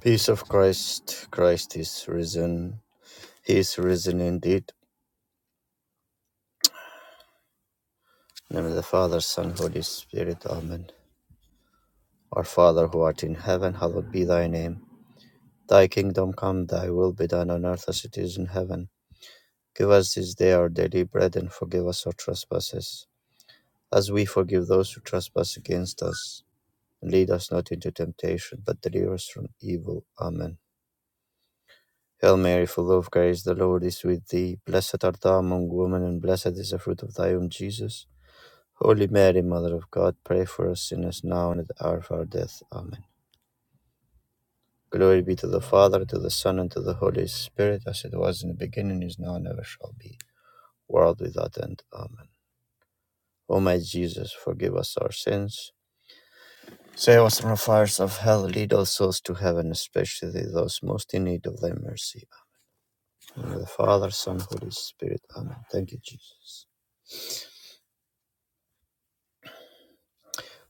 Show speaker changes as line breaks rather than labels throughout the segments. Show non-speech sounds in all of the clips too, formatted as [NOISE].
Peace of Christ. Christ is risen. He is risen indeed. In the name of the Father, Son, Holy Spirit. Amen. Our Father who art in heaven, hallowed be thy name. Thy kingdom come, thy will be done on earth as it is in heaven. Give us this day our daily bread and forgive us our trespasses, as we forgive those who trespass against us. And Lead us not into temptation, but deliver us from evil. Amen. Hail Mary, full of grace, the Lord is with thee. Blessed art thou among women, and blessed is the fruit of thy womb, Jesus. Holy Mary, Mother of God, pray for us sinners now and at the hour of our death. Amen. Glory be to the Father, to the Son, and to the Holy Spirit, as it was in the beginning, is now, and ever shall be, world without end. Amen. O my Jesus, forgive us our sins. Save us from the fires of hell. Lead all souls to heaven, especially those most in need of thy mercy. In the name of the Father, Son, Holy Spirit. Amen. Thank you, Jesus.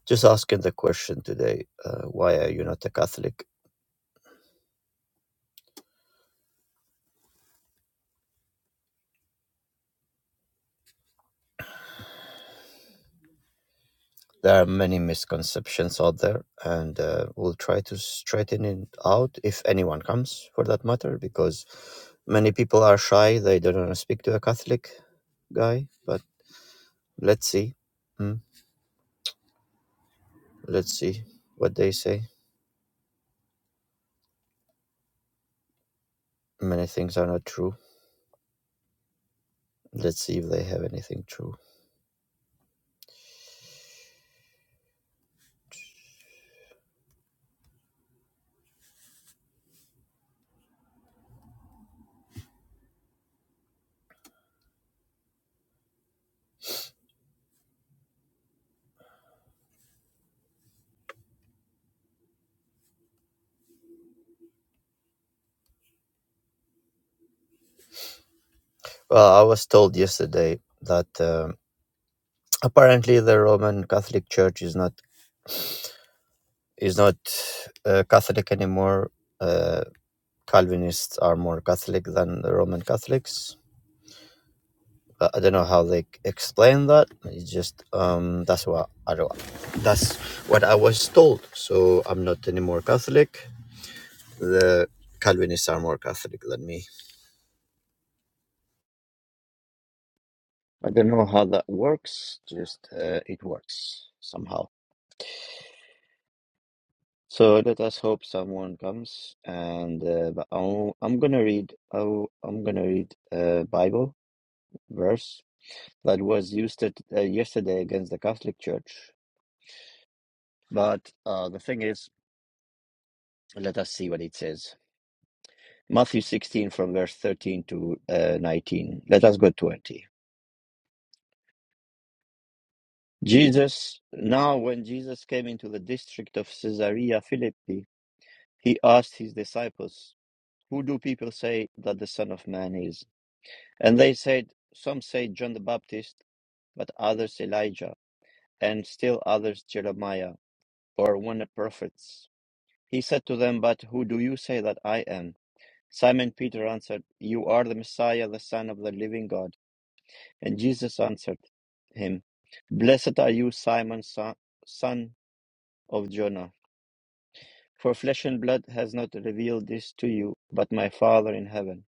Just asking the question today, uh, why are you not a Catholic? There are many misconceptions out there, and uh, we'll try to straighten it out if anyone comes, for that matter, because many people are shy. They don't want to speak to a Catholic guy, but let's see. Hmm? Let's see what they say. Many things are not true. Let's see if they have anything true. Well, I was told yesterday that um apparently the Roman Catholic Church is not is not uh, Catholic anymore. Uh, Calvinists are more Catholic than the Roman Catholics. But I don't know how they explain that. It's just um, that's what I don't, that's what I was told. So I'm not any more Catholic. The Calvinists are more Catholic than me. I don't know how that works. Just uh, it works somehow. So let us hope someone comes. And uh, but I'll, I'm gonna read. I'll, I'm gonna read a Bible verse that was used at, uh, yesterday against the Catholic Church. But uh, the thing is, let us see what it says. Matthew 16, from verse 13 to uh, 19. Let us go 20. Jesus, now when Jesus came into the district of Caesarea Philippi, he asked his disciples, Who do people say that the Son of Man is? And they said, Some say John the Baptist, but others Elijah, and still others Jeremiah, or one of the prophets. He said to them, But who do you say that I am? Simon Peter answered, You are the Messiah, the Son of the living God. And Jesus answered him, Blessed are you, Simon, son son of Jonah, for flesh and blood has not revealed this to you, but my Father in heaven.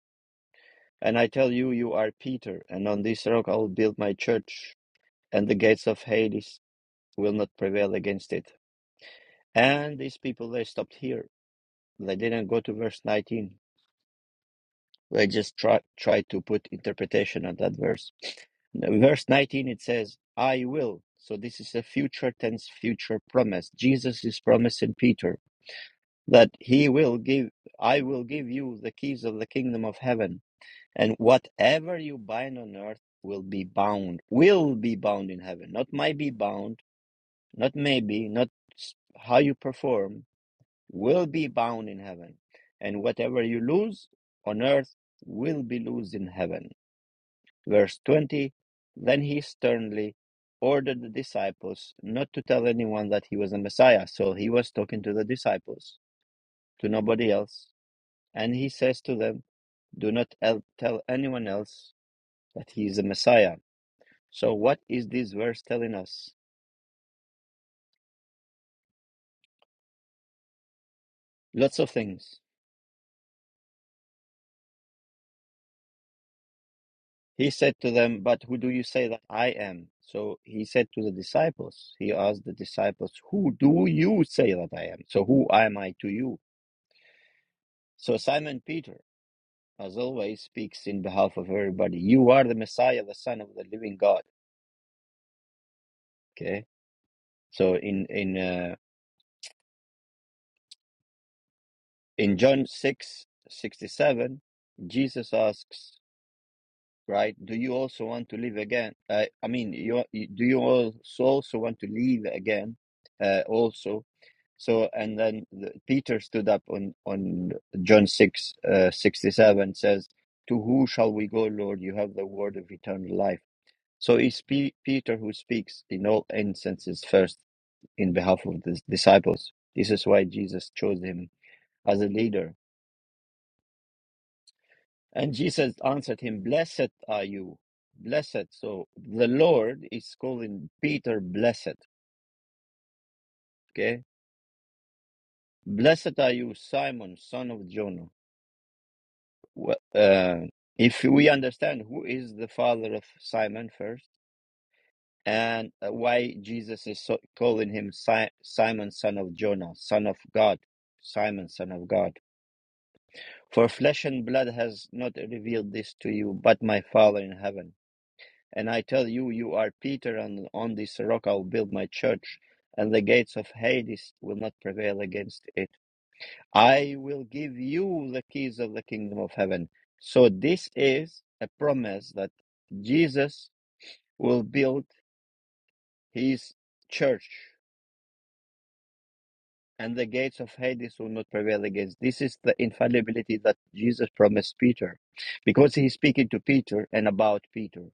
And I tell you, you are Peter, and on this rock I will build my church, and the gates of Hades will not prevail against it. And these people, they stopped here. They didn't go to verse 19. I just try try to put interpretation on that verse. Verse 19 it says, "I will." So this is a future tense, future promise. Jesus is promising Peter that he will give. I will give you the keys of the kingdom of heaven, and whatever you bind on earth will be bound, will be bound in heaven. Not might be bound, not maybe, not how you perform, will be bound in heaven, and whatever you lose on earth will be lost in heaven Verse 20 Then he sternly ordered the disciples not to tell anyone that he was the Messiah. So he was talking to the disciples, to nobody else. And he says to them, Do not el- tell anyone else that he is the Messiah. So what is this verse telling us? Lots of things. He said to them, But who do you say that I am? So he said to the disciples, He asked the disciples, Who do you say that I am? So who am I to you? So Simon Peter. as always, speaks in behalf of everybody. You are the Messiah, the Son of the Living God. Okay, so in in uh, in John six sixty seven, Jesus asks, right? Do you also want to live again? Uh, I mean, you, do you also also want to live again? Uh, also, so and then the, Peter stood up on on John six uh, sixty seven says. To who shall we go, Lord? You have the word of eternal life So it's Pe- Peter who speaks in all instances first in behalf of the disciples. This is why Jesus chose him as a leader. And Jesus answered him, Blessed are you. Blessed. So the Lord is calling Peter blessed. Okay. Blessed are you, Simon, son of Jonah. Wh- Uh, if we understand who is the father of Simon first and uh, why Jesus is so, calling him si- Simon, son of Jonah, son of God, Simon, son of God. For flesh and blood has not revealed this to you, but my Father in heaven. And I tell you, you are Peter, and on this rock I will build my church, and the gates of Hades will not prevail against it. I will give you the keys of the kingdom of heaven. So this is a promise that Jesus will build his church and the gates of Hades will not prevail against. This is the infallibility that Jesus promised Peter, because he's speaking to Peter and about Peter.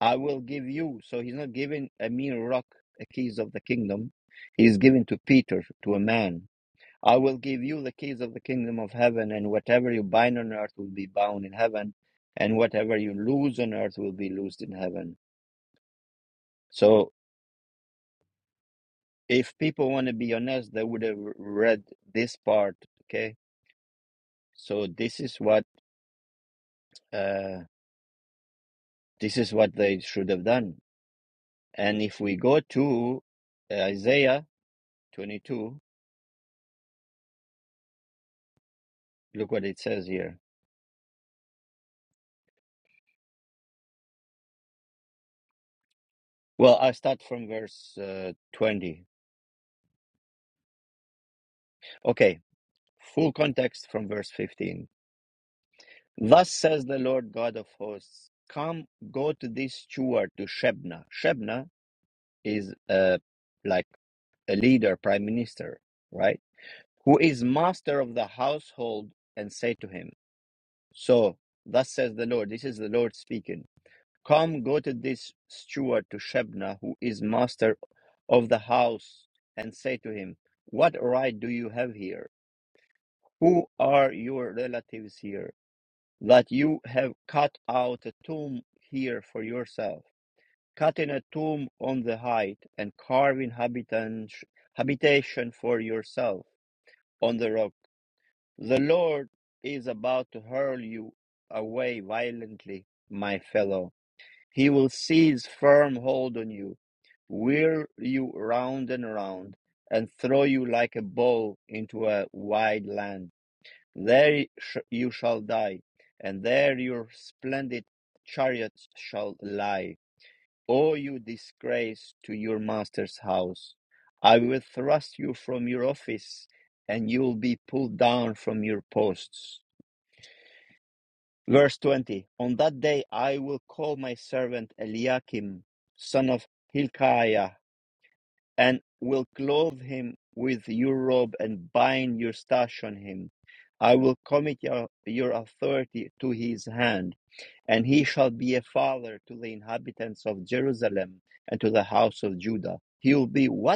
I will give you. So he's not giving a mere rock the keys of the kingdom. He's giving to Peter, to a man. I will give you the keys of the kingdom of heaven, and whatever you bind on earth will be bound in heaven, and whatever you loose on earth will be loosed in heaven. So if people want to be honest, they would have read this part, okay? So this is what Uh, this is what they should have done. And if we go to uh, Isaiah 22, look what it says here. Well, I'll start from verse uh, 20. Okay, full context from verse 15. Thus says the Lord God of hosts, Come, go to this steward, to Shebna. Shebna is uh, like a leader, prime minister, right? Who is master of the household, and say to him, So, thus says the Lord, this is the Lord speaking. Come, go to this steward, to Shebna, who is master of the house, and say to him, What right do you have here? Who are your relatives here, that you have cut out a tomb here for yourself, cutting a tomb on the height, and carving habitan- habitation for yourself on the rock? The Lord is about to hurl you away violently, my fellow. He will seize firm hold on you, whirl you round and round, and throw you like a ball into a wide land. There sh- you shall die, and there your splendid chariots shall lie. O you disgrace to your master's house! I will thrust you from your office, and you will be pulled down from your posts. Verse 20 On that day I will call my servant Eliakim, son of Hilkiah, and will clothe him with your robe and bind your stash on him. I will commit your, your authority to his hand, and he shall be a father to the inhabitants of Jerusalem and to the house of Judah. He will be what?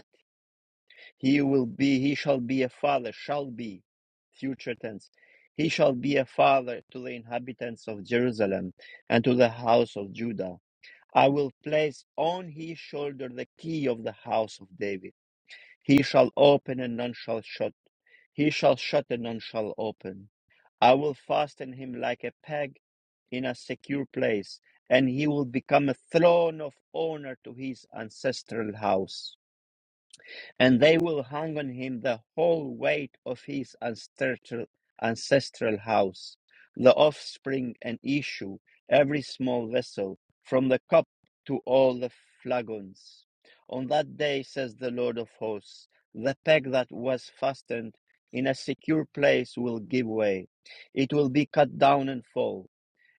He will be, he shall be a father, shall be, future tense. He shall be a father to the inhabitants of Jerusalem and to the house of Judah. I will place on his shoulder the key of the house of David. He shall open and none shall shut. He shall shut and none shall open. I will fasten him like a peg in a secure place, and he will become a throne of honor to his ancestral house and they will hang on him the whole weight of his ancestral, ancestral house, the offspring and issue, every small vessel, from the cup to all the flagons. On that day, says the Lord of hosts, the peg that was fastened in a secure place will give way. It will be cut down and fall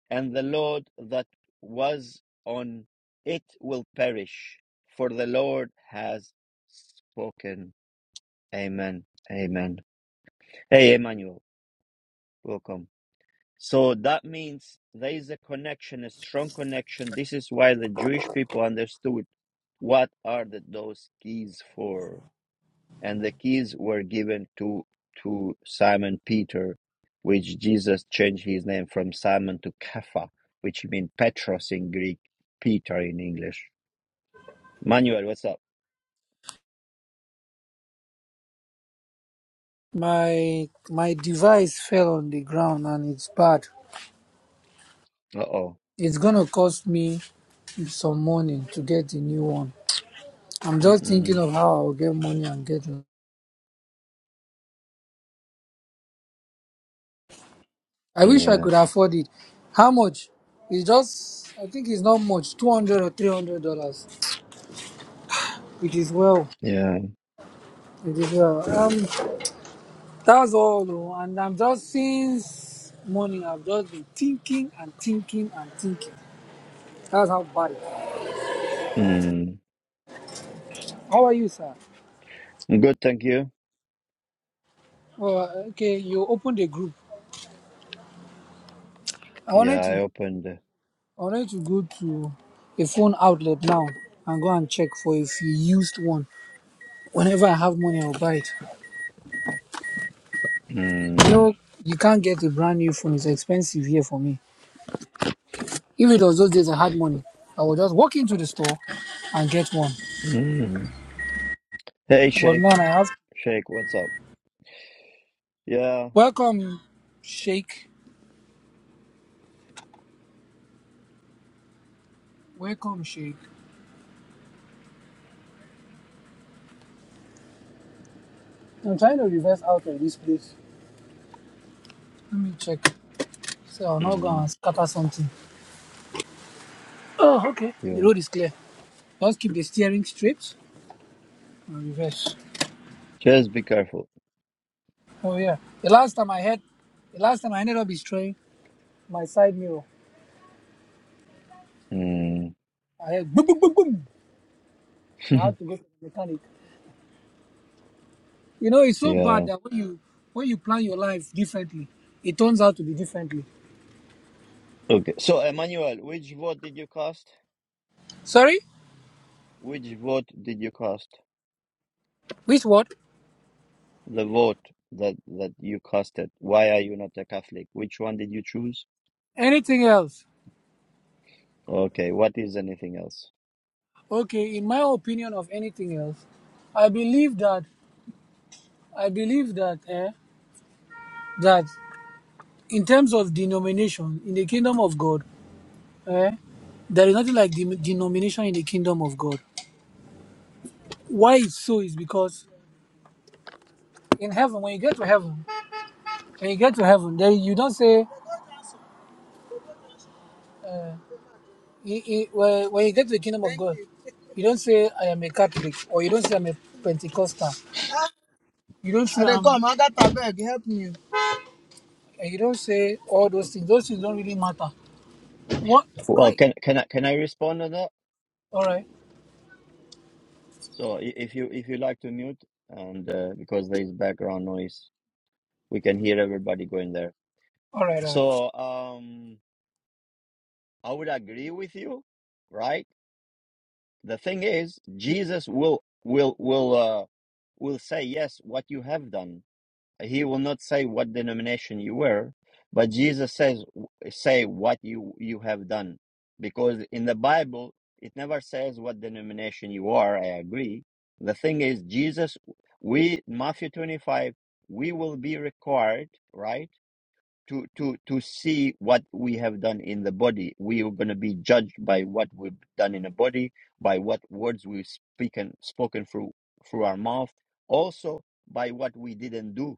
and the Lord that was on it will perish, for the Lord has spoken. Amen. Amen. Hey, Emmanuel, welcome. So that means there is a connection, a strong connection. This is why the Jewish people understood what are the, those keys for. and the keys were given to to Simon Peter, which Jesus changed his name from Simon to Kepha, which means Petros in Greek, Peter in English. Manuel, what's up?
My my device fell on the ground and it's bad.
Uh oh.
It's gonna cost me some money to get a new one. I'm just thinking
Mm-mm.
of how I'll get money and get one. I wish I
Yeah.
could afford it. How much? It's just I think it's not much, two hundred or three hundred dollars. It is well.
Yeah.
It is well. Um that's all though. and I'm just since morning I've just been thinking and thinking and thinking. That's how bad it is.
Mm.
How are you, sir?
Good, thank you.
Oh, okay. You opened a group. I
Yeah,
wanted
I
to
opened.
I wanted to go to a phone outlet now and go and check for if you used one. Whenever I have money, I'll buy it. You
Mm.
know, you can't get a brand new phone. It's expensive here for me. If it was those days I had money, I would just walk into the store and get one.
Mm. Hey,
But
Shake.
now I have.
Shake, what's up? Yeah.
Welcome, Shake. Welcome, Shake. I'm trying to reverse out of this place. Let me check. So I'll not go
Mm.
and scatter something. Oh, okay. The
Yeah.
road is clear. Just keep the steering straight and reverse.
Just be careful.
Oh yeah. The last time I had, the last time I ended up destroying my side mirror.
Mm.
I had boom, boom, boom, boom.
[LAUGHS]
I had to go to the mechanic. You know, it's so bad
yeah.
that when you when you plan your life differently, it turns out to be differently.
Okay. So, Emmanuel, which vote did you cast?
Sorry,
Which vote did you cast?
which word?
The vote that that you casted. Why are you not a Catholic? Which one did you choose?
Anything else?
Okay, what is anything else?
Okay, in my opinion of anything else, I believe that I believe that eh, that in terms of denomination in the kingdom of God, eh, there is nothing like the denomination in the kingdom of God. Why it's so is because in heaven, when you get to heaven, when you get to heaven, there you don't say you- you- when when you get to the kingdom of God, you don't say I am a Catholic or you don't say I'm a Pentecostal. You don't say I dey I'm come, I got beg, help me. and you don't say all those things. Those things don't really matter. What?
Well,
Right.
can can I can I respond to that?
All right.
So i- if you if you like to mute and uh, because there is background noise, we can hear everybody going there.
All right. All right.
So um, I would agree with you, right? The thing is, Jesus will will will uh will say yes what you have done he will not say what denomination you were but jesus says say what you you have done because in the bible it never says what denomination you are i agree the thing is jesus we matthew 25 we will be required right to to to see what we have done in the body we are going to be judged by what we've done in the body by what words we've spoken spoken through through our mouth also by what we didn't do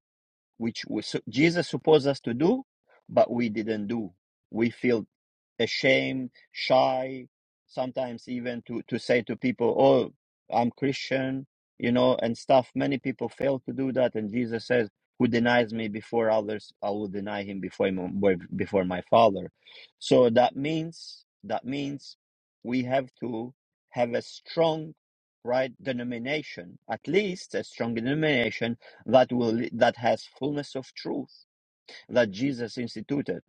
which we, Jesus supposed us to do, but we didn't do. We feel ashamed, shy, sometimes even to, to say to people, Oh, I'm Christian, you know, and stuff. Many people fail to do that. And Jesus says, Who denies me before others, I will deny him before, him, before my Father. So that means, that means we have to have a strong, right, denomination, at least a strong denomination that will that has fullness of truth that Jesus instituted.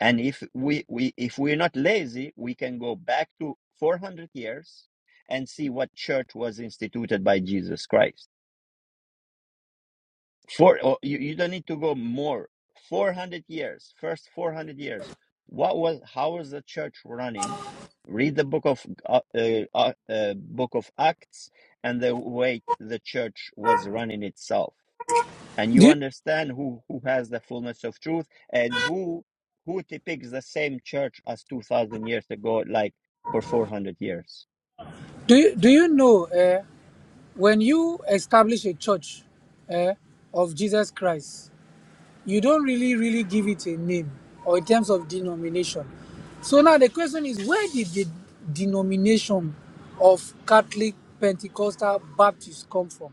And if we, we if we're not lazy, we can go back to 400 years and see what church was instituted by Jesus Christ. For or you, you don't need to go more. 400 years, first 400 years. What was how was the church running? Read the book of uh, uh, uh, book of Acts and the way the church was running itself and you
Do you,
understand who who has the fullness of truth and who who depicts the same church as 2000 years ago like for 400 years
do you, do you know uh, when you establish a church uh, of Jesus Christ? you don't really really give it a name or in terms of denomination so now the question is where did the denomination of catholic pentecostal baptist come from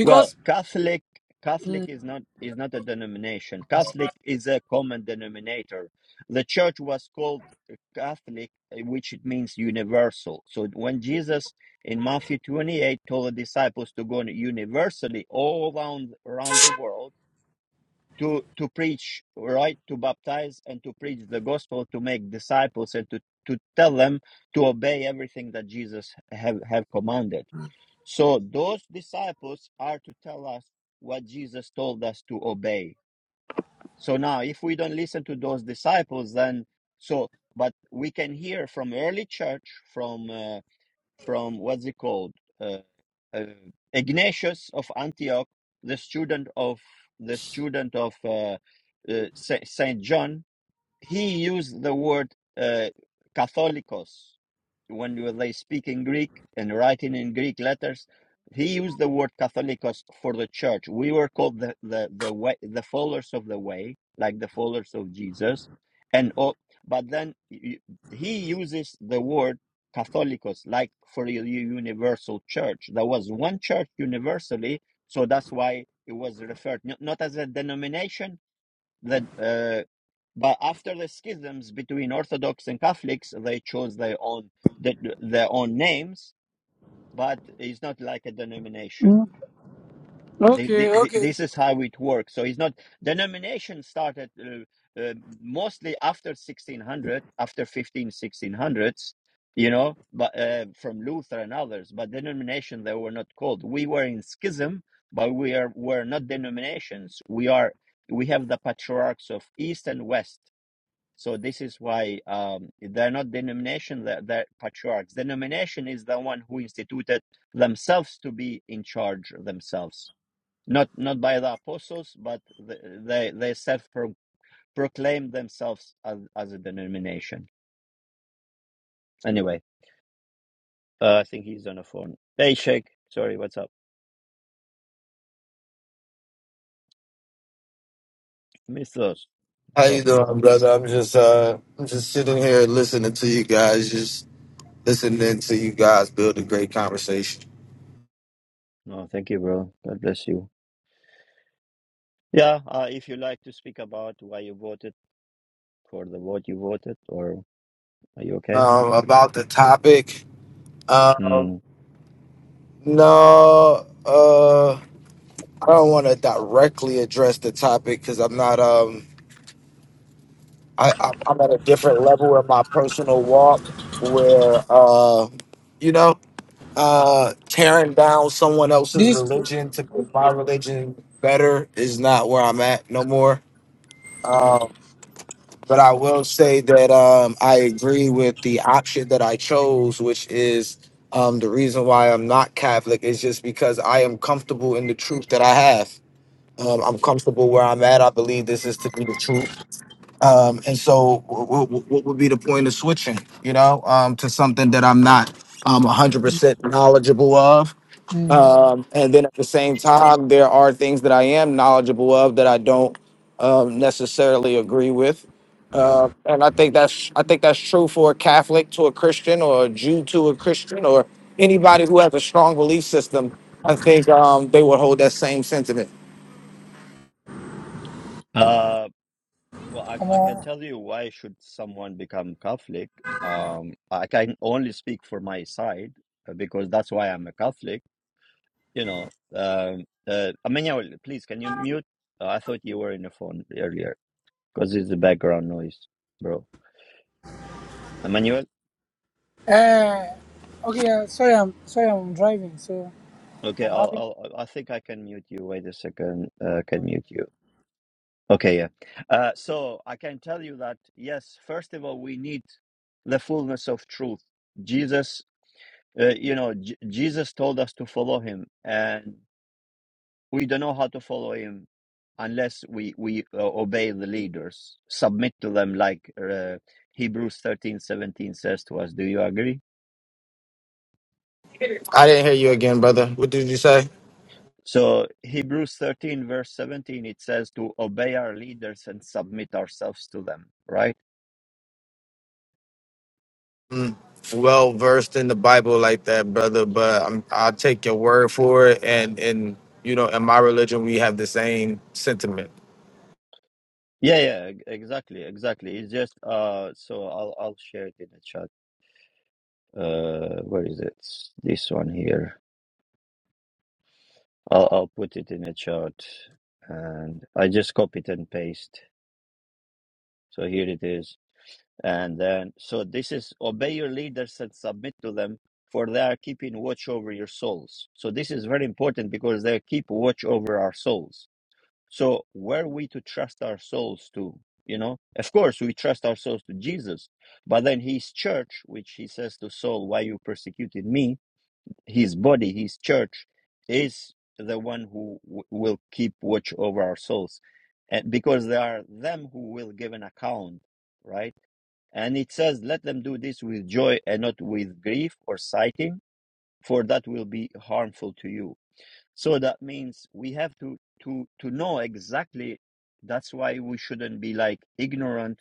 well catholic catholic is not is not a denomination catholic is a common denominator the church was called catholic which it means universal so when jesus in matthew 28 told the disciples to go universally all around around the world to to preach right to baptize and to preach the gospel to make disciples and to to tell them to obey everything that jesus have have commanded so those disciples are to tell us what jesus told us to obey so now if we don't listen to those disciples then so but we can hear from early church from uh, from what's it called uh, uh, ignatius of antioch the student of the student of uh, uh, saint john he used the word uh, Catholicos when you- they speak in Greek and writing in Greek letters. He used the word Catholicos for the church. We were called the the the way, the followers of the way, like the followers of Jesus, and all, but then y- he uses the word Catholicos like for the universal church. There was one church universally, so that's why it was referred not not as a denomination, that uh, but after the schisms between Orthodox and Catholics, they chose their own their their own names, but it's not like a denomination. Thi- thi-
okay
thi-
okay
This is how it works. So it's not denomination started uh, uh, mostly after 1600, after fifteen sixteen hundreds, you know, but uh, from Luther and others. But denomination they were not called. We were in schism, but we are were not denominations. We are we have the patriarchs of East and West. So this is why um, they're not denomination. They're, they're patriarchs. Denomination is the one who instituted themselves to be in charge themselves not not by the apostles, but th- they they self proclaim themselves as, as a denomination. Anyway, uh, I think he's on the phone. Hey, Sheikh. Sorry, what's up, Mythos?
How
What's
you
up, Myth?
doing, brother? I'm just uh I'm just sitting here listening to you guys, just listening to you guys build a great conversation.
No, thank you, bro. God bless you. Yeah, uh, if you like to speak about why you voted for the vote you voted, or are you okay?
Um about the topic.
Hmm.
Um no uh I don't wanna directly address the topic because I'm not um I, I I'm at a different level in my personal walk where uh you know uh tearing down someone else's
this
religion to make my religion better is not where I'm at no more. Um, But I will say that um, I agree with the option that I chose, which is um, the reason why I'm not Catholic, is just because I am comfortable in the truth that I have. Um, I'm comfortable where I'm at. I believe this is to be the truth. Um, and so, wh- wh- what would be the point of switching, you know, um, to something that I'm not um, 100% knowledgeable of?
mm,
Um, and then at the same time, there are things that I am knowledgeable of that I don't um, necessarily agree with. Uh, and I think that's I think that's true for a Catholic to a Christian or a Jew to a Christian or anybody who has a strong belief system. I think um, they would hold that same sentiment.
Uh, well, I, I can tell you why should someone become Catholic. Um, I can only speak for my side uh, because that's why I'm a Catholic you know, um, uh, Amenyawal, please, can you mute? Uh, I thought you were in the phone earlier because it's the background noise, bro. Emmanuel,
uh, okay uh, sorry i'm sorry i'm driving so
okay,
i'm
I'll,
having
I'll, I think I can mute you. Wait a second, uh, can mute you. Okay, yeah. Uh, so I can tell you that yes, first of all, we need the fullness of truth. Jesus, uh, you know, J- Jesus told us to follow him, and we don't know how to follow him unless we we uh, obey the leaders submit to them like uh, hebrews thirteen seventeen says to us do you agree
I didn't hear you again, brother. What did you say?
so hebrews 13 verse 17 it says to obey our leaders and submit ourselves to them right
Mm, well versed in the Bible like that, brother. But I'm, I'll take your word for it. And and you know, in my religion, we have the same sentiment.
yeah yeah e- exactly exactly it's just uh so i'll i'll share it in the chat uh where is it this one here i'll i'll put it in the chat and i just copied and paste so here it is And then, so this is obey your leaders and submit to them, for they are keeping watch over your souls. So this is very important because they keep watch over our souls. So were we to trust our souls to, you know, of course we trust our souls to Jesus, but then his church, which he says to Saul, why you persecuted me, his body, his church is the one who w- will keep watch over our souls. And because they are them who will give an account, right? And it says, Let them do this with joy and not with grief or sighing, for that will be harmful to you. So that means we have to, to, to know exactly. That's why we shouldn't be like ignorant.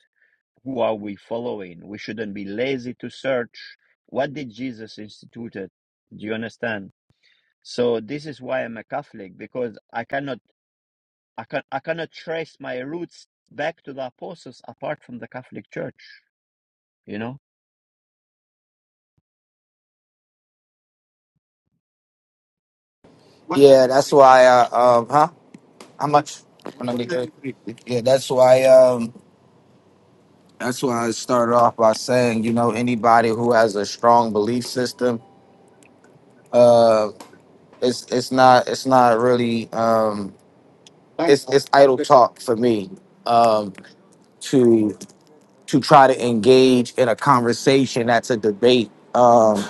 Who are we following? We shouldn't be lazy to search. What did Jesus instituted? Do you understand? So this is why I'm a Catholic because I cannot, I can, I cannot trace my roots back to the apostles apart from the Catholic Church. You know.
Yeah, that's why. Uh, um, huh? How much? When I get there? Yeah, that's why. Um, that's why I started off by saying, you know, anybody who has a strong belief system, uh, it's it's not it's not really um, it's it's idle talk for me um, to to try to engage in a conversation that's a debate um,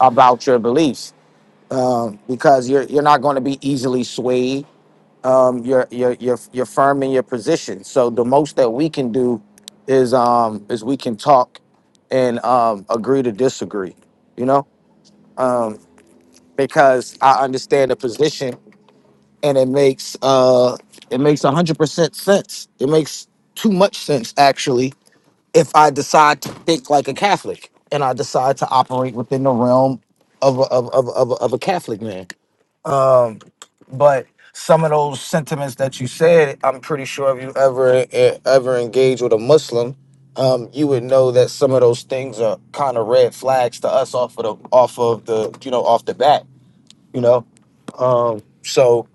about your beliefs um, because you're you're not going to be easily swayed um, your your your your firm and your position. So the most that we can do is um is we can talk and um agree to disagree, you know, um because I understand the position and it makes uh it makes a hundred percent sense. It makes too much sense actually if I decide to think like a Catholic and I decide to operate within the realm of a, of, of, of, of a Catholic man. Um, but some of those sentiments that you said, I'm pretty sure if you ever eh, ever engage with a Muslim, um, you would know that some of those things are kind of red flags to us off of the off of the you know off the bat, you know. Um, so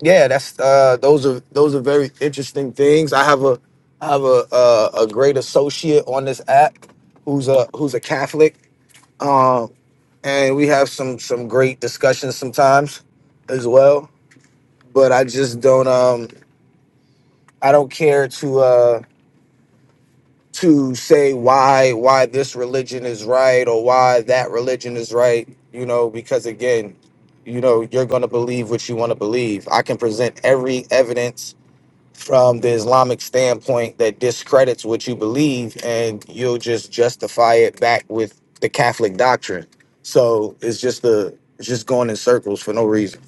yeah, that's uh, those are those are very interesting things. I have a I have a a, a great associate on this app who's a who's a Catholic, um, and we have some some great discussions sometimes as well but I just don't um I don't care to uh to say why why this religion is right or why that religion is right, you know, because again, you know, you're going to believe what you want to believe. I can present every evidence from the Islamic standpoint that discredits what you believe and you'll just justify it back with the Catholic doctrine. So, it's just the it's just going in circles for no reason.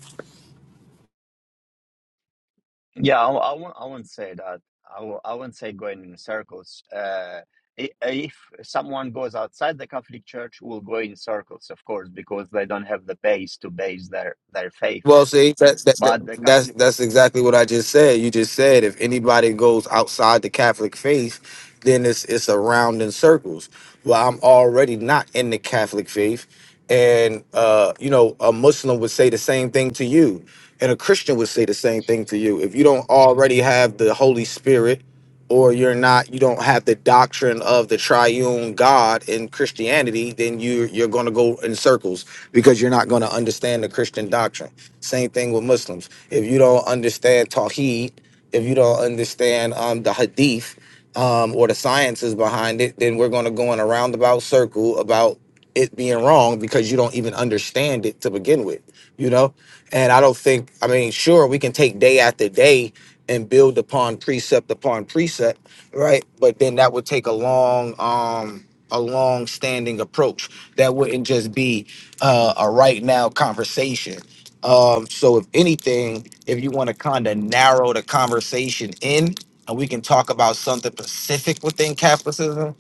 Yeah, I, I, won't, I won't say that. I w- I won't say going in circles. Uh, i- if someone goes outside the Catholic Church, will go in circles, of course, because they don't have the base to base their, their faith.
Well, see, that's that,
But the Catholic
that's that's exactly what I just said. You just said if anybody goes outside the Catholic faith, then it's it's a round in circles. Well, I'm already not in the Catholic faith, and uh, you know, a Muslim would say the same thing to you, and a Christian would say the same thing to you. If you don't already have the Holy Spirit or you're not you don't have the doctrine of the triune god in christianity then you you're going to go in circles because you're not going to understand the christian doctrine same thing with muslims if you don't understand tawheed if you don't understand um, the hadith um, or the sciences behind it then we're going to go in a roundabout circle about it being wrong because you don't even understand it to begin with you know and I don't think, I mean, sure, we can take day after day and build upon precept upon precept, right? But then that would take a long, um, a long standing approach. That wouldn't just be uh, a right now conversation. Um, so if anything, if you want to kind of narrow the conversation in and we can talk about something specific within capitalism,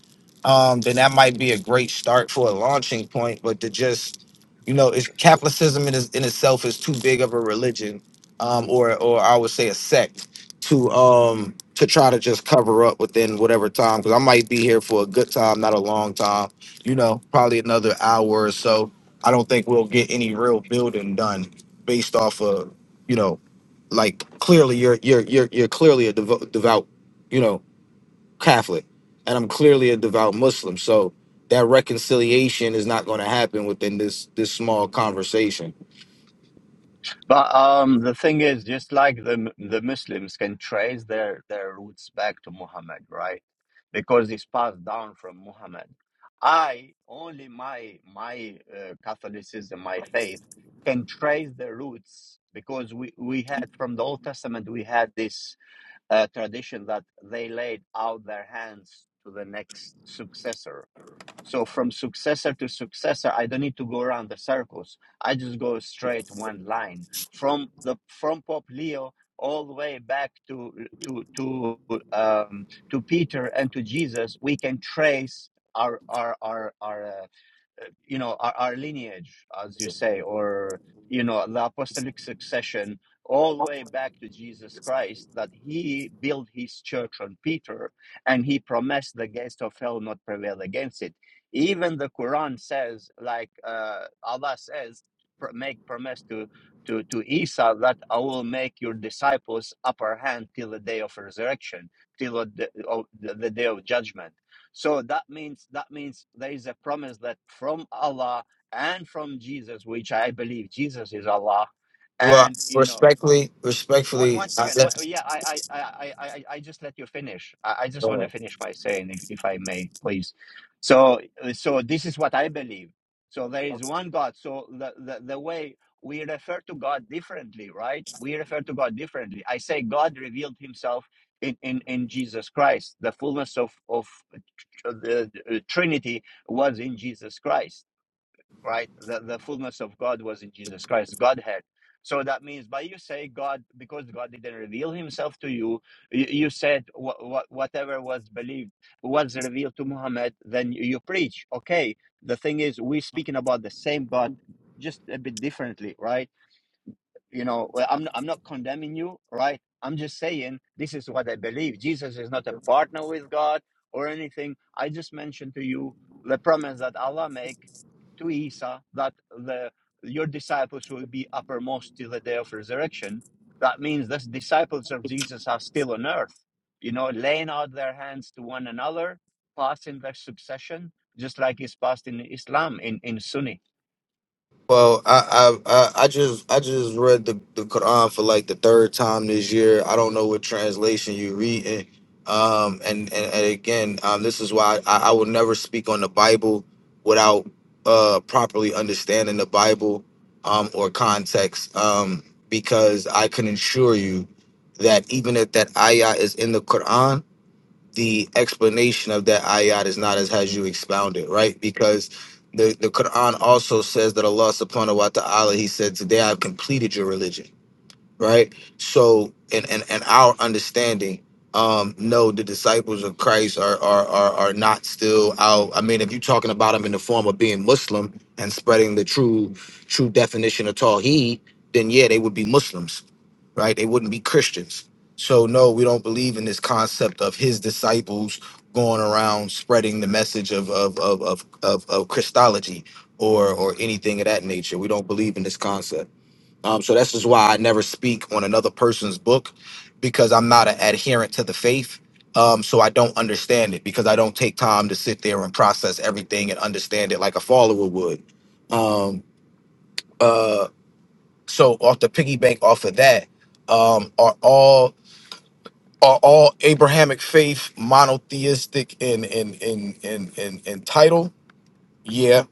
um, then that might be a great start for a launching point. But to just you know, it's Catholicism in, is, in itself is too big of a religion, um, or or I would say a sect to um to try to just cover up within whatever time. Because I might be here for a good time, not a long time. You know, probably another hour or so. I don't think we'll get any real building done based off of you know, like clearly you're you're you're you're clearly a devo- devout, you know, Catholic, and I'm clearly a devout Muslim. So that reconciliation is not going to happen within this this small conversation.
But um, the thing is, just like the the Muslims can trace their their roots back to Muhammad, right? Because it's passed down from Muhammad. I only my my uh, Catholicism, my faith, can trace the roots because we we had from the Old Testament we had this uh, tradition that they laid out their hands to the next successor, so from successor to successor, I don't need to go around the circles. I just go straight one line from the from Pope Leo all the way back to to to um, to Peter and to Jesus. We can trace our our our our. uh, you know our, our lineage as you say or you know the apostolic succession all the way back to jesus christ that he built his church on peter and he promised the gates of hell not prevail against it even the quran says like uh, allah says pr- make promise to to, to Isa that I will make your disciples upper hand till the day of resurrection, till the, of the the day of judgment so that means that means there is a promise that from Allah and from Jesus, which I believe Jesus is Allah,
Well,
and you know
respectfully,
one,
respectfully,
one second. One,
I,
yeah, I, I, I, I, I just let you finish. I, I just want to finish by saying, if, if I may, please. So, uh, so this is what I believe. So there is one God. So the, the, the way we refer to God differently, right? We refer to God differently. I say God revealed Himself in in, in Jesus Christ. The fullness of of the uh, Trinity was in Jesus Christ right? The, the fullness of God was in Jesus Christ, Godhead. So that means by you say God, because God didn't reveal himself to you, you, you said wha wha- whatever was believed, was revealed to Muhammad, then you, you preach. Okay. The thing is, we're speaking about the same God, just a bit differently, right? you know well, i'm i'm not condemning you right i'm just saying this is what i believe jesus is not a partner with god or anything i just mentioned to you the promise that allah make to isa that the your disciples will be uppermost till the day of resurrection that means the disciples of jesus are still on earth you know laying out their hands to one another passing their succession just like is passed in islam in in sunni
Well, I, I I I just I just read the, the Quran for like the third time this year. I don't know what translation you're reading. Um, and, and, and again, um, this is why I, I will never speak on the Bible without uh, properly understanding the Bible um, or context, um, because I can assure you that even if that ayah is in the Quran, the explanation of that ayat is not as has you expounded, right? Because the, the Quran also says that Allah subhanahu wa ta'ala, he said, Today I've completed your religion, right? So in and, and our understanding, um, no, the disciples of Christ are, are are are not still out. I mean, if you're talking about them in the form of being Muslim and spreading the true true definition of Tawheed, then yeah, they would be Muslims right? They wouldn't be Christians. So, no, we don't believe in this concept of his disciples going around spreading the message of of of of, of, of Christology or or anything of that nature. We don't believe in this concept. Um, so that's just why I never speak on another person's book because I'm not an adherent to the faith. Um, so I don't understand it because I don't take time to sit there and process everything and understand it like a follower would. Um, uh, so off the piggy bank off of that, um, are all are all Abrahamic faith monotheistic in in in in in, in title? Yeah,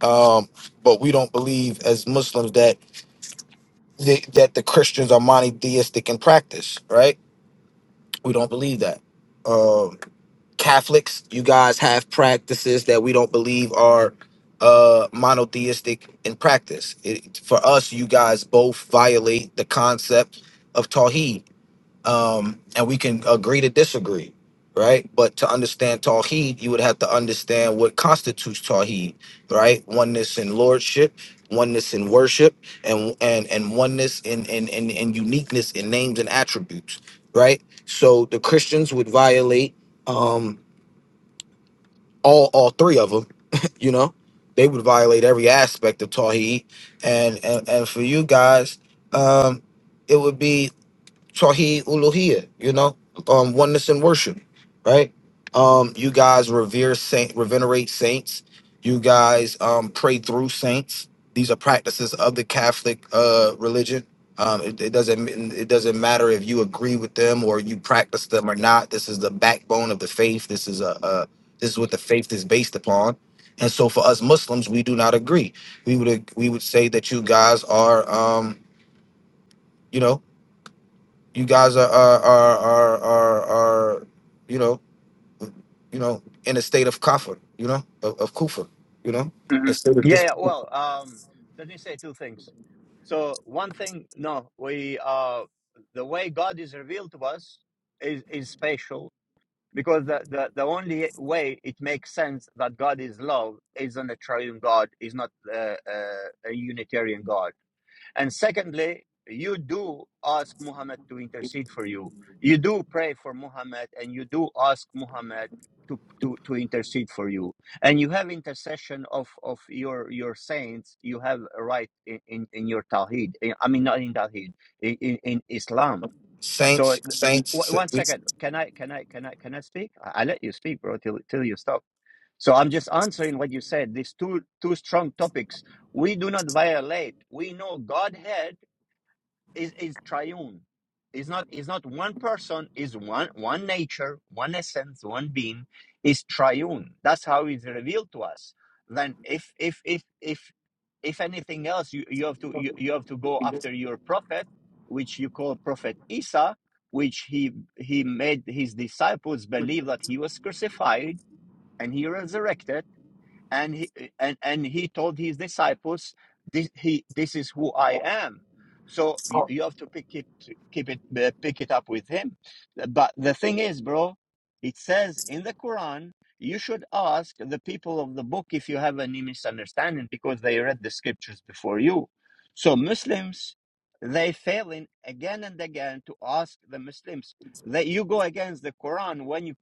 um, but we don't believe as Muslims that the, that the Christians are monotheistic in practice, right? We don't believe that. Um, Catholics, you guys have practices that we don't believe are uh monotheistic in practice. It, for us, you guys both violate the concept of Tawheed um, and we can agree to disagree, right? But to understand Tawheed, you would have to understand what constitutes Tawheed, right? Oneness in lordship, oneness in worship, and and and oneness in in in, in uniqueness in names and attributes, right? So the Christians would violate um, all all three of them, [LAUGHS] you know. They would violate every aspect of Tawheed, and and, and for you guys, um, it would be Tawhi Uluhia, you know, um, oneness in worship, right? Um, you guys revere saint, revenerate saints. You guys um, pray through saints. These are practices of the Catholic uh, religion. Um, it, it doesn't it doesn't matter if you agree with them or you practice them or not. This is the backbone of the faith. This is a, a this is what the faith is based upon. And so, for us Muslims, we do not agree. We would ag- we would say that you guys are um, you know you guys are are are are are, are you know you know in a state of kafir, you know of, of kufa, you know
hmm
instead of
Yeah,
this
yeah. Well, um, let me say two things. So one thing, no, we uh, the way God is revealed to us is is spatial because the, the the only way it makes sense that God is love is on a triune God, is not uh, uh, a Unitarian God. And secondly, you do ask Muhammad to intercede for you. You do pray for Muhammad and you do ask Muhammad to, to, to intercede for you. And you have intercession of, of your, your saints. You have a right in, in, in your Tawheed. In- I mean, not in Tawheed, in, in, in Islam. So
saints saints.
w-
sa-
one
we-
second. Can I, can I, can I, can I speak? I, I let you speak, bro, till, till you stop. So I'm just answering what you said. These two, two strong topics. We do not violate. We know Godhead is is triune. It's not it's not one person, is one one nature, one essence, one being, is triune. That's how it's revealed to us. Then if if if if if anything else you, you have to you, you have to go after your prophet, which you call prophet Isa, which he he made his disciples believe that he was crucified and he resurrected and he and and he told his disciples this he this is who i am so you, you have to pick it keep it uh, pick it up with him but the thing is bro it says in the quran you should ask the people of the book if you have any misunderstanding because they read the scriptures before you so muslims they fail in again and again to ask the muslims that you go against the quran when you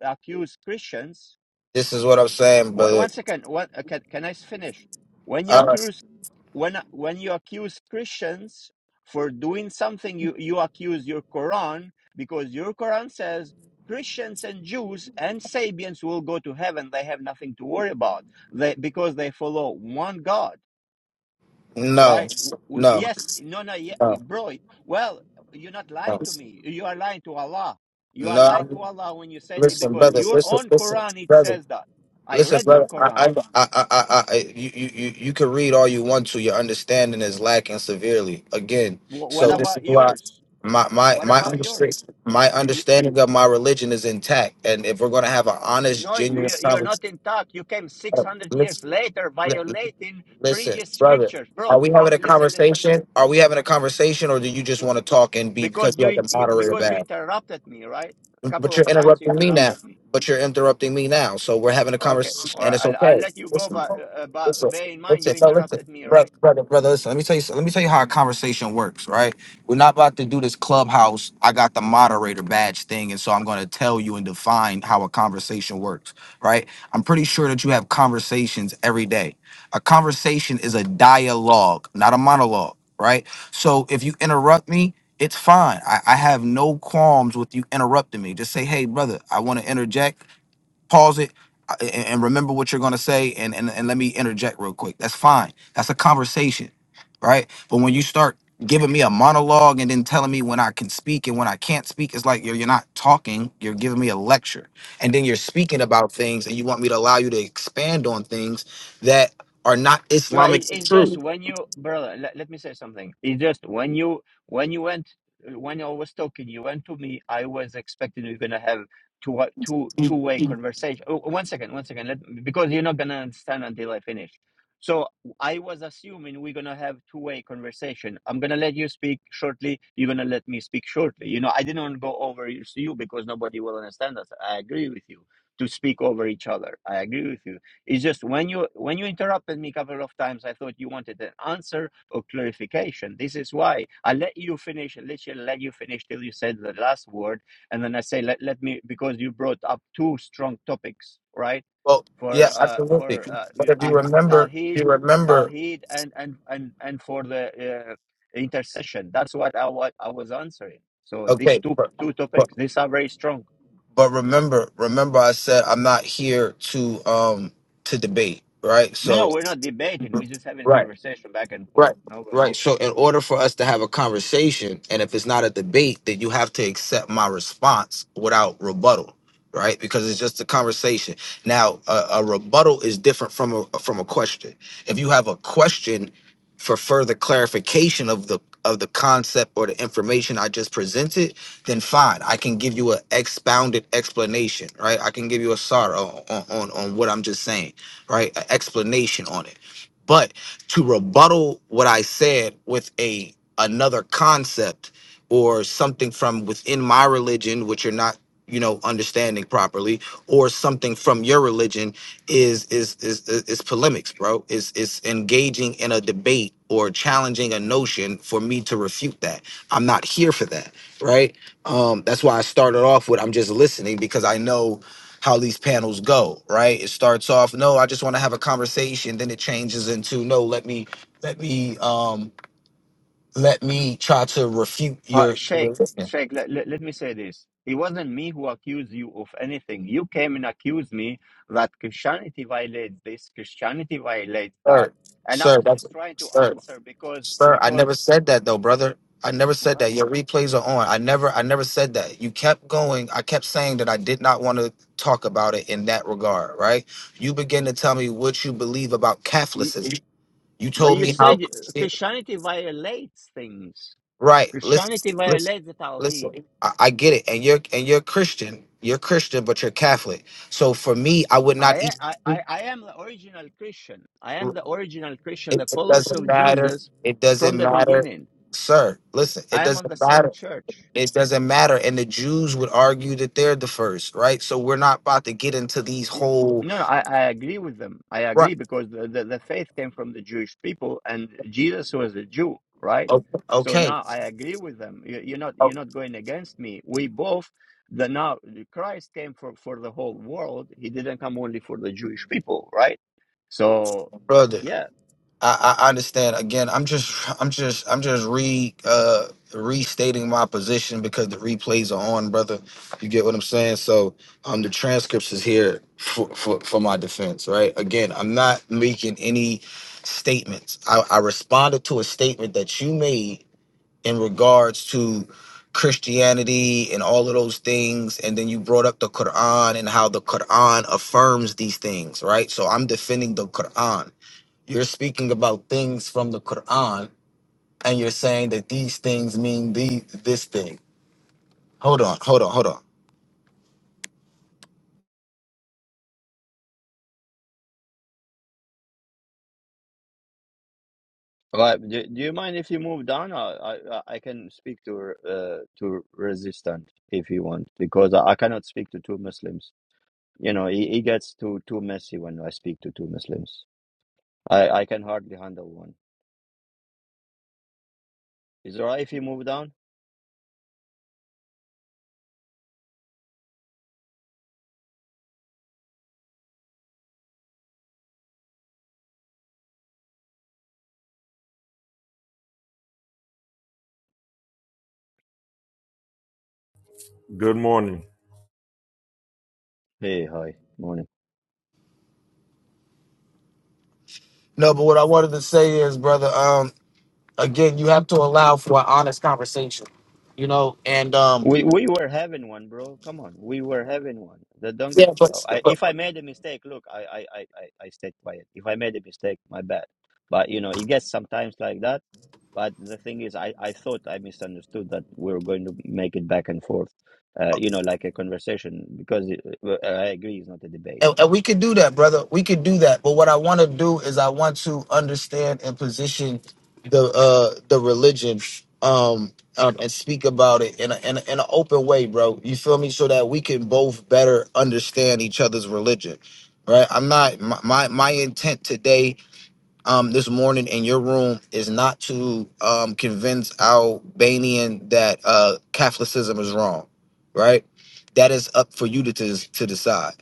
accuse christians
This is what I'm saying,
Wha-
brother.
One second. What uh, can can I finish? When you
I don't-
accuse when when you accuse Christians for doing something, you you accuse your Quran because your Quran says Christians and Jews and Sabians will go to heaven. They have nothing to worry about. They because they follow one God,
no,
right? W- w-
no,
yes, no, no, yeah,
no,
bro. Well, you're not
no,
lying to me. You are lying to Allah. You are lying to
no.
Allah when you say that
Listen,
because
brother.
your
Listen,
own
listen,
Quran it
brother.
says that. I
Listen,
read your
brother, I,
Quran.
I, I, I, I, I you, you, you you can read all you want to. Your understanding is lacking severely. Again,
Wh- What
so this is
about
why
yours?
my my
What
my
about
understanding
yours?
my
Y-
understanding of my religion is intact. And if we're gonna have an honest,
No,
genuine
y- you're not
conversation,
intact. You came 600 years
listen,
later
li-
violating
listen,
previous
brother,
scriptures.
are
Bro,
we having
li-
a
listen, listen.
conversation? Are we having a conversation, or do you just
W-
want to talk and be
Because
because you
you,
have
in-
the
you
moderator
because you
back?
interrupted me, right? A
But but
couple
you're
of times you
interrupting me now.
interrupted me.
But you're interrupting me now. So we're having a
Okay,
conversation, and
or
it's
I'll, I'll
okay.
let you go,
Listen,
but, uh, uh,
listen,
but bear in mind you
listen, no, listen,
interrupted me, right?
brother, brother, brother. Listen, let me tell you. Let me tell you how a conversation works. Right? We're not about to do this clubhouse. I got the moderator badge thing, and so I'm going to tell you and define how a conversation works. Right? I'm pretty sure that you have conversations every day. A conversation is a dialogue, not a monologue. Right? So if you interrupt me, it's fine. I, I have no qualms with you interrupting me. Just say, hey, brother, I want to interject, pause it, uh, and, and remember what you're going to say, and, and, and let me interject real quick. That's fine. That's a conversation, right? But when you start giving me a monologue and then telling me when I can speak and when I can't speak, it's like you're, you're not talking, you're giving me a lecture. And then you're speaking about things, and you want me to allow you to expand on things that are not
No,
Islamic
it, it's just
truth.
when you, brother. Let, let me say something. It's just when you when you went when I was talking, you went to me. I was expecting you're gonna have two two two way conversation. Oh, one second, one second. Let, because you're not gonna understand until I finish. So I was assuming we're gonna have two way conversation. I'm gonna let you speak shortly. You're gonna let me speak shortly. You know, I didn't want to go over you you because nobody will understand us. I agree with you to speak over each other. I agree with you it's just when you when you interrupted me a couple of times, I thought you wanted an answer or clarification. This is why I let you finish, literally let you finish till you said the last word, and then I say let let me because you brought up two strong topics, right?
Well, yeah,
For uh
absolutely.
for uh,
But if
uh
you remember, if
talhid,
you remember,
talhid, and and and and for the uh, intercession. That's what I what I was answering. So these
okay,
two
but,
two
but
topics, these are very strong.
but remember, remember, I said I'm not here to um to debate, right?
No, no,
So,
we're not debating. We're just having
right.
conversation back and
Right.
forth. No way.
Right. So in order for us to have a conversation, and if it's not a debate, then you have to accept my response without rebuttal, right? Because it's just a conversation. Now, a, a rebuttal is different from a from a question. If you have a question for further clarification of the of the concept or the information I just presented, then fine, I can give you an expounded explanation, right? I can give you a sorrow on, on on what I'm just saying, right? An explanation on it. But to rebuttal what I said with a another concept or something from within my religion, which you're not, you know, understanding properly, or something from your religion is is is is, is polemics, bro. Is is engaging in a debate or challenging a notion for me to refute that. I'm not here for that, right? Um, that's why I started off with I'm just listening because I know how these panels go, right? It starts off, no, I just want to have a conversation, then it changes into no, let me let me um let me try to refute your
But
sir,
Sheikh, Sheikh, let, let, let me say this. It wasn't me who accused you of anything. You came and accused me that Christianity violates this, Christianity violates that. And I
sir,
was
that's
just trying to
sir,
answer because,
sir. I never
because,
said that though, brother. I never said
well,
that. Your replays are on. I never I never said that. You kept going. I kept saying that I did not want to talk about it in that regard, right? You begin to tell me what you believe about
you,
Catholicism. You
but
told
you
me how.
said Christianity violates things.
Right.
Christianity
Listen, listen,
violates the
listen.
Tawheed.
I, I get it, and you're and you're Christian. You're Christian, but you're Catholic. So for me, I would not
I,
eat.
I, I I am the original Christian. I am the original Christian, the
It
followers
doesn't
of
matter.
Jesus
It
from
doesn't
the
matter,
beginning.
sir. Listen, it
I am on the
doesn't
same
matter.
church.
It doesn't matter. And the Jews would argue that they're the first, right? So we're not about to get into these
Yeah.
whole
No, no, I, I agree with them. I
right.
agree because the, the, the faith came from the Jewish people and Jesus was a Jew, right?
Okay,
So
okay,
now I agree with them. You, you're not you're
okay,
not going against me. We both the now Christ came for, for the whole world. He didn't come only for the Jewish people, right? So
brother.
yeah.
I, I understand. Again, I'm just, I'm just, I'm just re uh restating my position because the replays are on, brother. You get what I'm saying? So, um, the transcripts is here for for, for my defense, right? Again, I'm not making any statements. I, I responded to a statement that you made in regards to Christianity and all of those things, and then you brought up the Quran and how the Quran affirms these things, right? So I'm defending the Quran. You're speaking about things from the Quran, and you're saying that these things mean the this thing. Hold on, hold on, hold on.
Well, do, do you mind if you move down? I I, I I can speak to uh, to resistant if you want because I, I cannot speak to two Muslims. You know, he, he gets too too messy when I speak to two Muslims. I, I can hardly handle one. Is it alright if you move down?
Good morning.
Hey, hi, morning.
No, but what I wanted to say is, brother, um, again, you have to allow for an honest conversation, you know, and um,
We we were having one, bro. Come on, we were having one. That don't get.
yeah,
I,
but
if I made a mistake, look, I I I I I stayed quiet. If I made a mistake, my bad. But you know, it gets sometimes like that. But the thing is, I, I thought I misunderstood that we were going to make it back and forth, uh, you know, like a conversation, because it, uh, I agree it's not a debate.
And, and we could do that, brother. We could do that. But what I want to do is I want to understand and position the uh the religion um, um and speak about it in a, in a, in an open way, bro. You feel me? So that we can both better understand each other's religion. Right? I'm not my my, my intent today um this morning in your room is not to um convince Albanian that uh Catholicism is wrong, right? That is up for you to to, to decide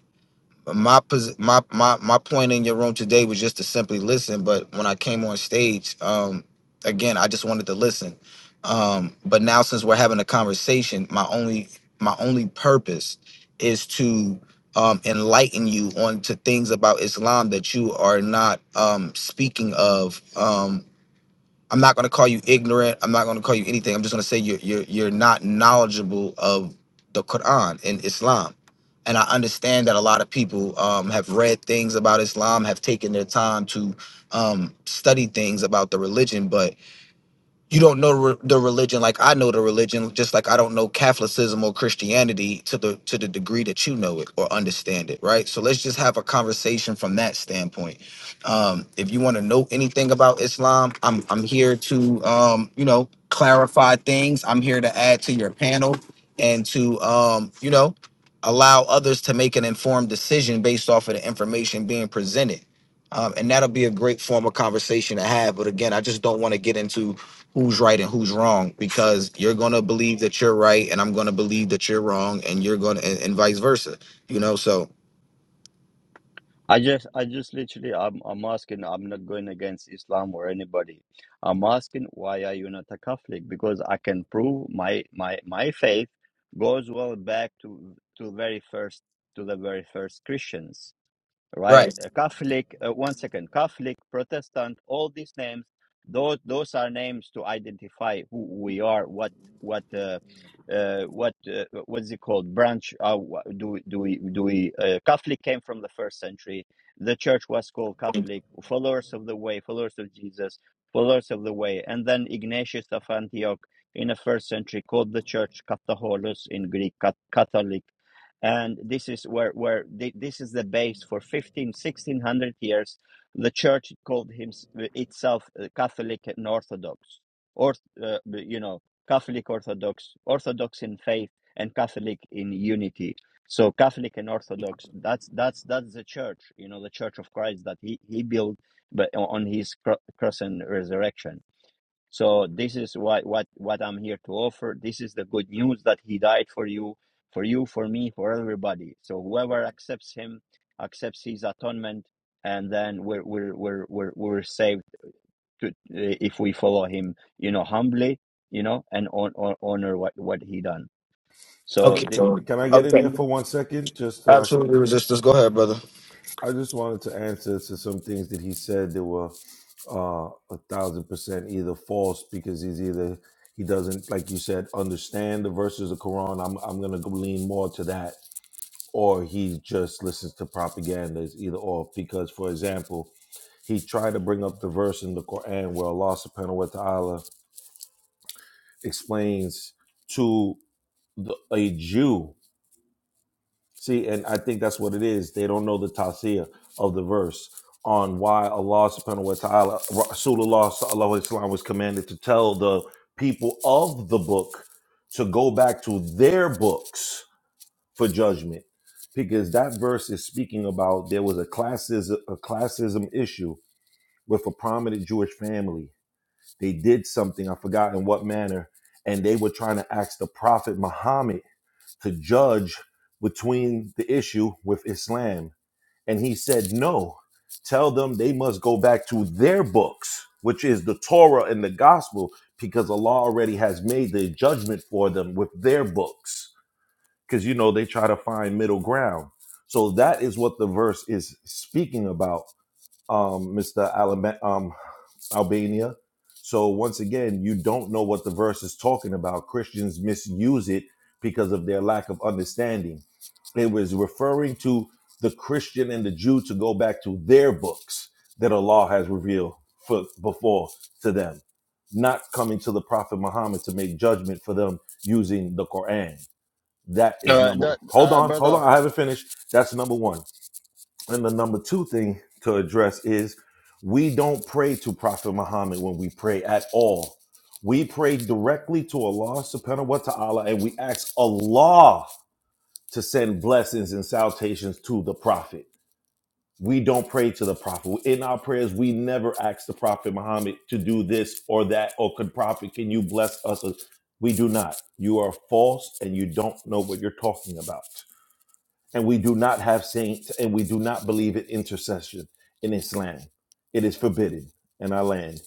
my pos- my my my point in your room today was just to simply listen but when i came on stage um again i just wanted to listen um but now since we're having a conversation my only my only purpose is to um enlighten you on to things about islam that you are not um speaking of Um, I'm not going to call you ignorant. I'm not going to call you anything. I'm just going to say you're you're you're not knowledgeable of the Quran and Islam. And I understand that a lot of people um, have read things about Islam, have taken their time to um, study things about the religion, but you don't know re- the religion like I know the religion, just like I don't know Catholicism or Christianity to the to the degree that you know it or understand it, right? So let's just have a conversation from that standpoint. Um, if you want to know anything about Islam, I'm I'm here to um, you know clarify things. I'm here to add to your panel and to um, you know allow others to make an informed decision based off of the information being presented. Um, and that'll be a great form of conversation to have. But again, I just don't want to get into who's right and who's wrong because you're going to believe that you're right and I'm going to believe that you're wrong and you're going to, and, and vice versa, you know? So,
I just, I just literally, I'm, I'm asking. I'm not going against Islam or anybody. I'm asking why are you not a Catholic? Because I can prove my, my, my faith goes well back to, to very first, to the very first Christians right?
right.
Uh, Catholic, uh, one second, Catholic, Protestant, all these names, those those are names to identify who we are, what what uh, uh, what uh, what's it called? Branch? Uh, wha- do we- do we do we? Uh, Catholic came from the first century. The church was called Catholic, followers of the way, followers of Jesus, followers of the way, and then Ignatius of Antioch in the first century called the church Catholicos in Greek, Cat- Catholic and this is where where thi- this is the base for 15 1600 years the church called hims itself uh, catholic and orthodox or uh, you know catholic orthodox orthodox in faith and catholic in unity so catholic and orthodox that's that's that's the church you know the church of christ that he he built on his cross and resurrection so this is what what what I'm here to offer. This is the good news that he died for you, for you, for me, for everybody. So whoever accepts him, accepts his atonement, and then we're we're we're we're, we're saved to, eh, if we follow him, you know, humbly, you know, and on, on, honor what what he done.
C-
So
Okay.
the,
Can,
So,
can I get in
okay.
there for one second, just so I can?
Absolutely resistance. Go ahead, brother.
I just wanted to answer to some things that he said that were uh, a thousand percent either false because he's either he doesn't, like you said, understand the verses of Quran. I'm I'm gonna go lean more to that, or he just listens to propaganda. It's either or. Because, for example, he tried to bring up the verse in the Quran where Allah Subhanahu wa Taala explains to the, a Jew See, and I think that's what it is. They don't know the tafsir of the verse on why Allah subhanahu wa ta'ala, Rasulullah sallallahu alayhi wa sallam was commanded to tell the people of the book to go back to their books for judgment. Because that verse is speaking about there was a classism, a classism issue with a prominent Jewish family. They did something, I forgot in what manner, and they were trying to ask the Prophet Muhammad to judge between the issue with Islam. And he said, No, tell them they must go back to their books, which is the Torah and the gospel, because Allah already has made the judgment for them with their books. Because, you know, they try to find middle ground. So that is what the verse is speaking about, um, Mr. Alabama. um, Albania. So once again, you don't know what the verse is talking about. Christians misuse it because of their lack of understanding. It was referring to the Christian and the Jew to go back to their books that Allah has revealed for, before to them, not coming to the Prophet Muhammad to make judgment for them using the Quran. That is
uh,
number.
that,
Hold
uh,
on, hold on.
brother.
I haven't finished. That's number one. And the number two thing to address is we don't pray to Prophet Muhammad when we pray at all. We pray directly to Allah subhanahu wa ta'ala and we ask Allah to send blessings and salutations to the Prophet. We don't pray to the Prophet. In our prayers, we never ask the Prophet Muhammad to do this or that, or could Prophet, can you bless us? We do not. You are false and you don't know what you're talking about and we do not have saints, and we do not believe in intercession in Islam. It is forbidden in our land.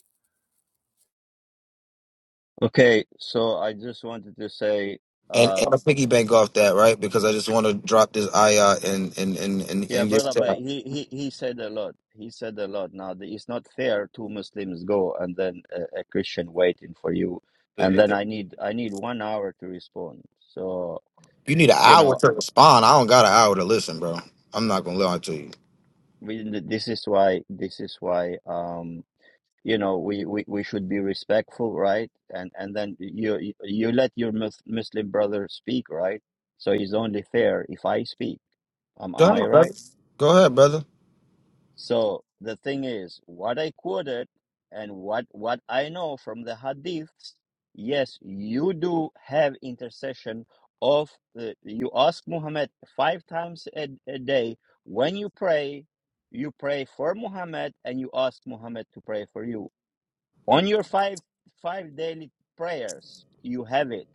Okay, so I just wanted to say.
And, and a piggy bank off that, right? Because I just want to drop this I uh, and, and, and, and,
Yeah,
and get
brother,
to
but
that.
he, he, he said a lot. He said a lot. Now, the- it's not fair two Muslims go and then a, a Christian waiting for you, and then I need I need one hour to respond. So
You need an
you
hour
know,
to respond. I don't got an hour to listen, bro. I'm not going to lie to you.
we, this is why this is why um you know we, we, we should be respectful, right? And and then you you you let your mus- Muslim brother speak, right? So it's only fair if I speak. Am
Go
am I
ahead,
right?
brother. Go ahead, brother.
So the thing is, what I quoted and what what I know from the hadiths, yes, you do have intercession of the, you ask Muhammad five times a, a day when you pray, you pray for Muhammad and you ask Muhammad to pray for you. On your five five daily prayers, you have it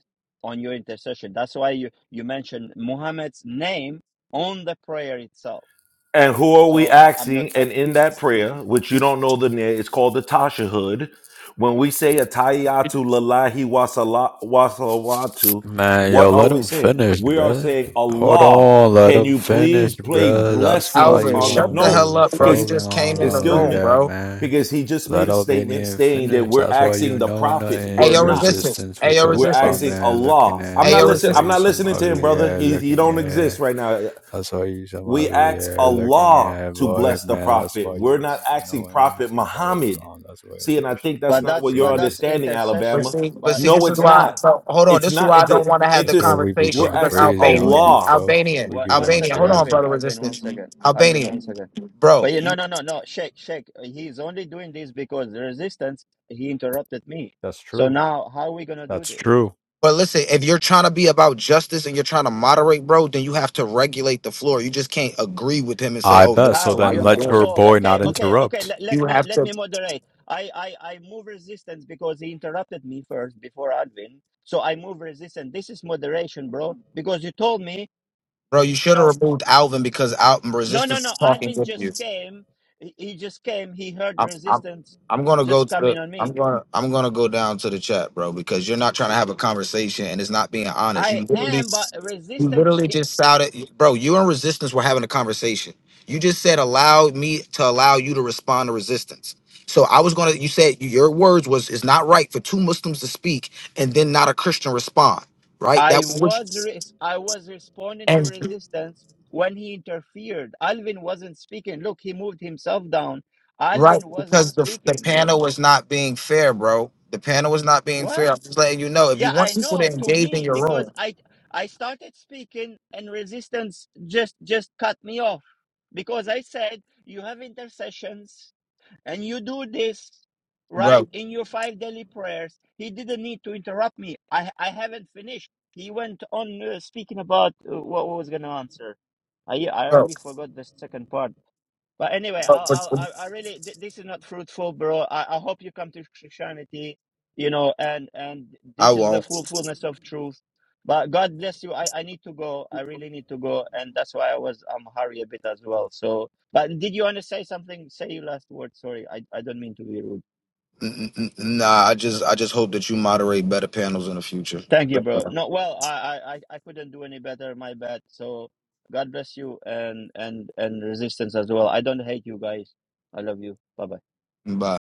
on your intercession. That's why you you mention Muhammad's name on the prayer itself.
And who are we
So I, I'm not.
asking? And in that prayer, which you don't know the name, it's called the Tashahud. When we say Atayatu Lalahi wasala- Wasalawatu,
Man,
what
yo,
are
let
we
him
saying?
finish,
We are
bruh.
saying,
Hold
Allah,
on, let
can
him
you please
finish,
play
bruh. That's why
blessings
you
Alvin,
on the.
shut
don't
the
be
No,
hell up, bro. You
because,
fucking
just came
on
in the
her
excuse
like
room,
me,
that,
bro.
man.
because he just made
Let
a statement
Albania
saying that
finish.
we're
That's why you
asking the
know
prophet.
Hey,
We're
nothing
not.
resistance.
resistance
Hey,
with
We're
your bum
asking
resistance.
ass
Allah.
looking
I'm
Hey,
not
at. That's
listening.
why
I'm
you
resistance.
not
some
listening to him,
ugly
brother.
ass
He he
looking
don't exist
at.
right now.
That's why you some
We
ugly
ask
ass looking
Allah
at,
to
boy,
bless the
man. That's
Prophet.
why you
We're
don't
not
even
asking
know
Prophet
anything about
Muhammad.
Islam. That's why
See,
us
and I
Christians,
think that's
we
But
go
not
that's
what you're
but
crazy.
that's
understanding,
But
intercession.
Alabama.
see, but
But
see,
No,
this is
it's
why.
not.
brother,
So hold on.
It's
This is
not
why I
into
don't want to have the
That's
into.
why we be
conversation
We're
going
because
asking
crazy on
Albanian,
you,
Allah.
fo.
Albanian,
We
one,
be
one
going
Albanian.
second,
Hold on,
Alvin,
crazy.
brother,
Alvin, one
resistance.
second, Alvin, one
Albanian,
second.
bro.
Well, you,
You,
no, no, no, no. Sheikh, shake. He's only doing this because the resistance. He interrupted me.
That's
So
true.
now, how are we gonna do
That's
this?
true.
but listen, if you're trying to be about justice and you're trying to moderate, bro, then you have to regulate the floor. You just can't agree with him and say,
I
"Oh,
bet.
that's
So
How?
why
You,
then
you're
uh,
let
doing
your
it."
so
boy
okay,
not
You
okay, okay.
interrupt.
Let, let
you
me
have
let
to,
me moderate. I, I I move resistance because he interrupted me first before Alvin. So I move resistance. This is moderation, bro. Because you told me,
bro. You
you
should
know.
have removed Alvin because Alvin
No, no,
resistance is
no.
talking
Alvin
with you.
just came. He he just came. He heard
I'm I'm
resistance
I'm gonna go
just
to the
coming on
I'm
me.
gonna I'm gonna go down to the chat, bro, because you're not trying to have a conversation and it's not being honest.
I
You literally
am, but
you
resistance.
literally
i-
just shouted bro, you and resistance were having a conversation. You just said allow me to allow you to respond to resistance. So I was gonna you said your words was it's not right for two Muslims to speak and then not a Christian respond, right? That
I
was which
was. Res- I was responding to
and
resistance when he interfered. Alvin wasn't speaking. Look, he moved himself down.
Right,
Alvin wasn't
because the the
speaking, bro.
panel was not being fair, bro. The panel was not being
What?
fair. I'm just letting you know. If you
Yeah,
want
I
people to
know. To
engage in
me,
your
because
room,
I I started speaking and resistance just just cut me off because I said you have intercessions And you do this right
bro,
in your five daily prayers. He didn't need to interrupt me. I I haven't finished. He went on uh, speaking about uh, what was going to answer. I I
bro, bro,
already forgot the second part. But anyway, I
but-
I
but-
I really th- this is not fruitful, bro. I, I hope you come to Christianity, you know, and and
I
this is the
won't.
full fullness of truth. But God bless you. I I need to go. I really need to go, and that's why I was um hurry a bit as well. So, but did you want to say something? Say your last word. Sorry, I I don't mean to be rude.
N- n- n- Nah, I just I just hope that you moderate better panels in the future.
Thank you, bro. No, well, I I I I couldn't do any better. My bad. So, God bless you, and and and resistance as well. I don't hate you guys. I love you. Bye bye.
Bye.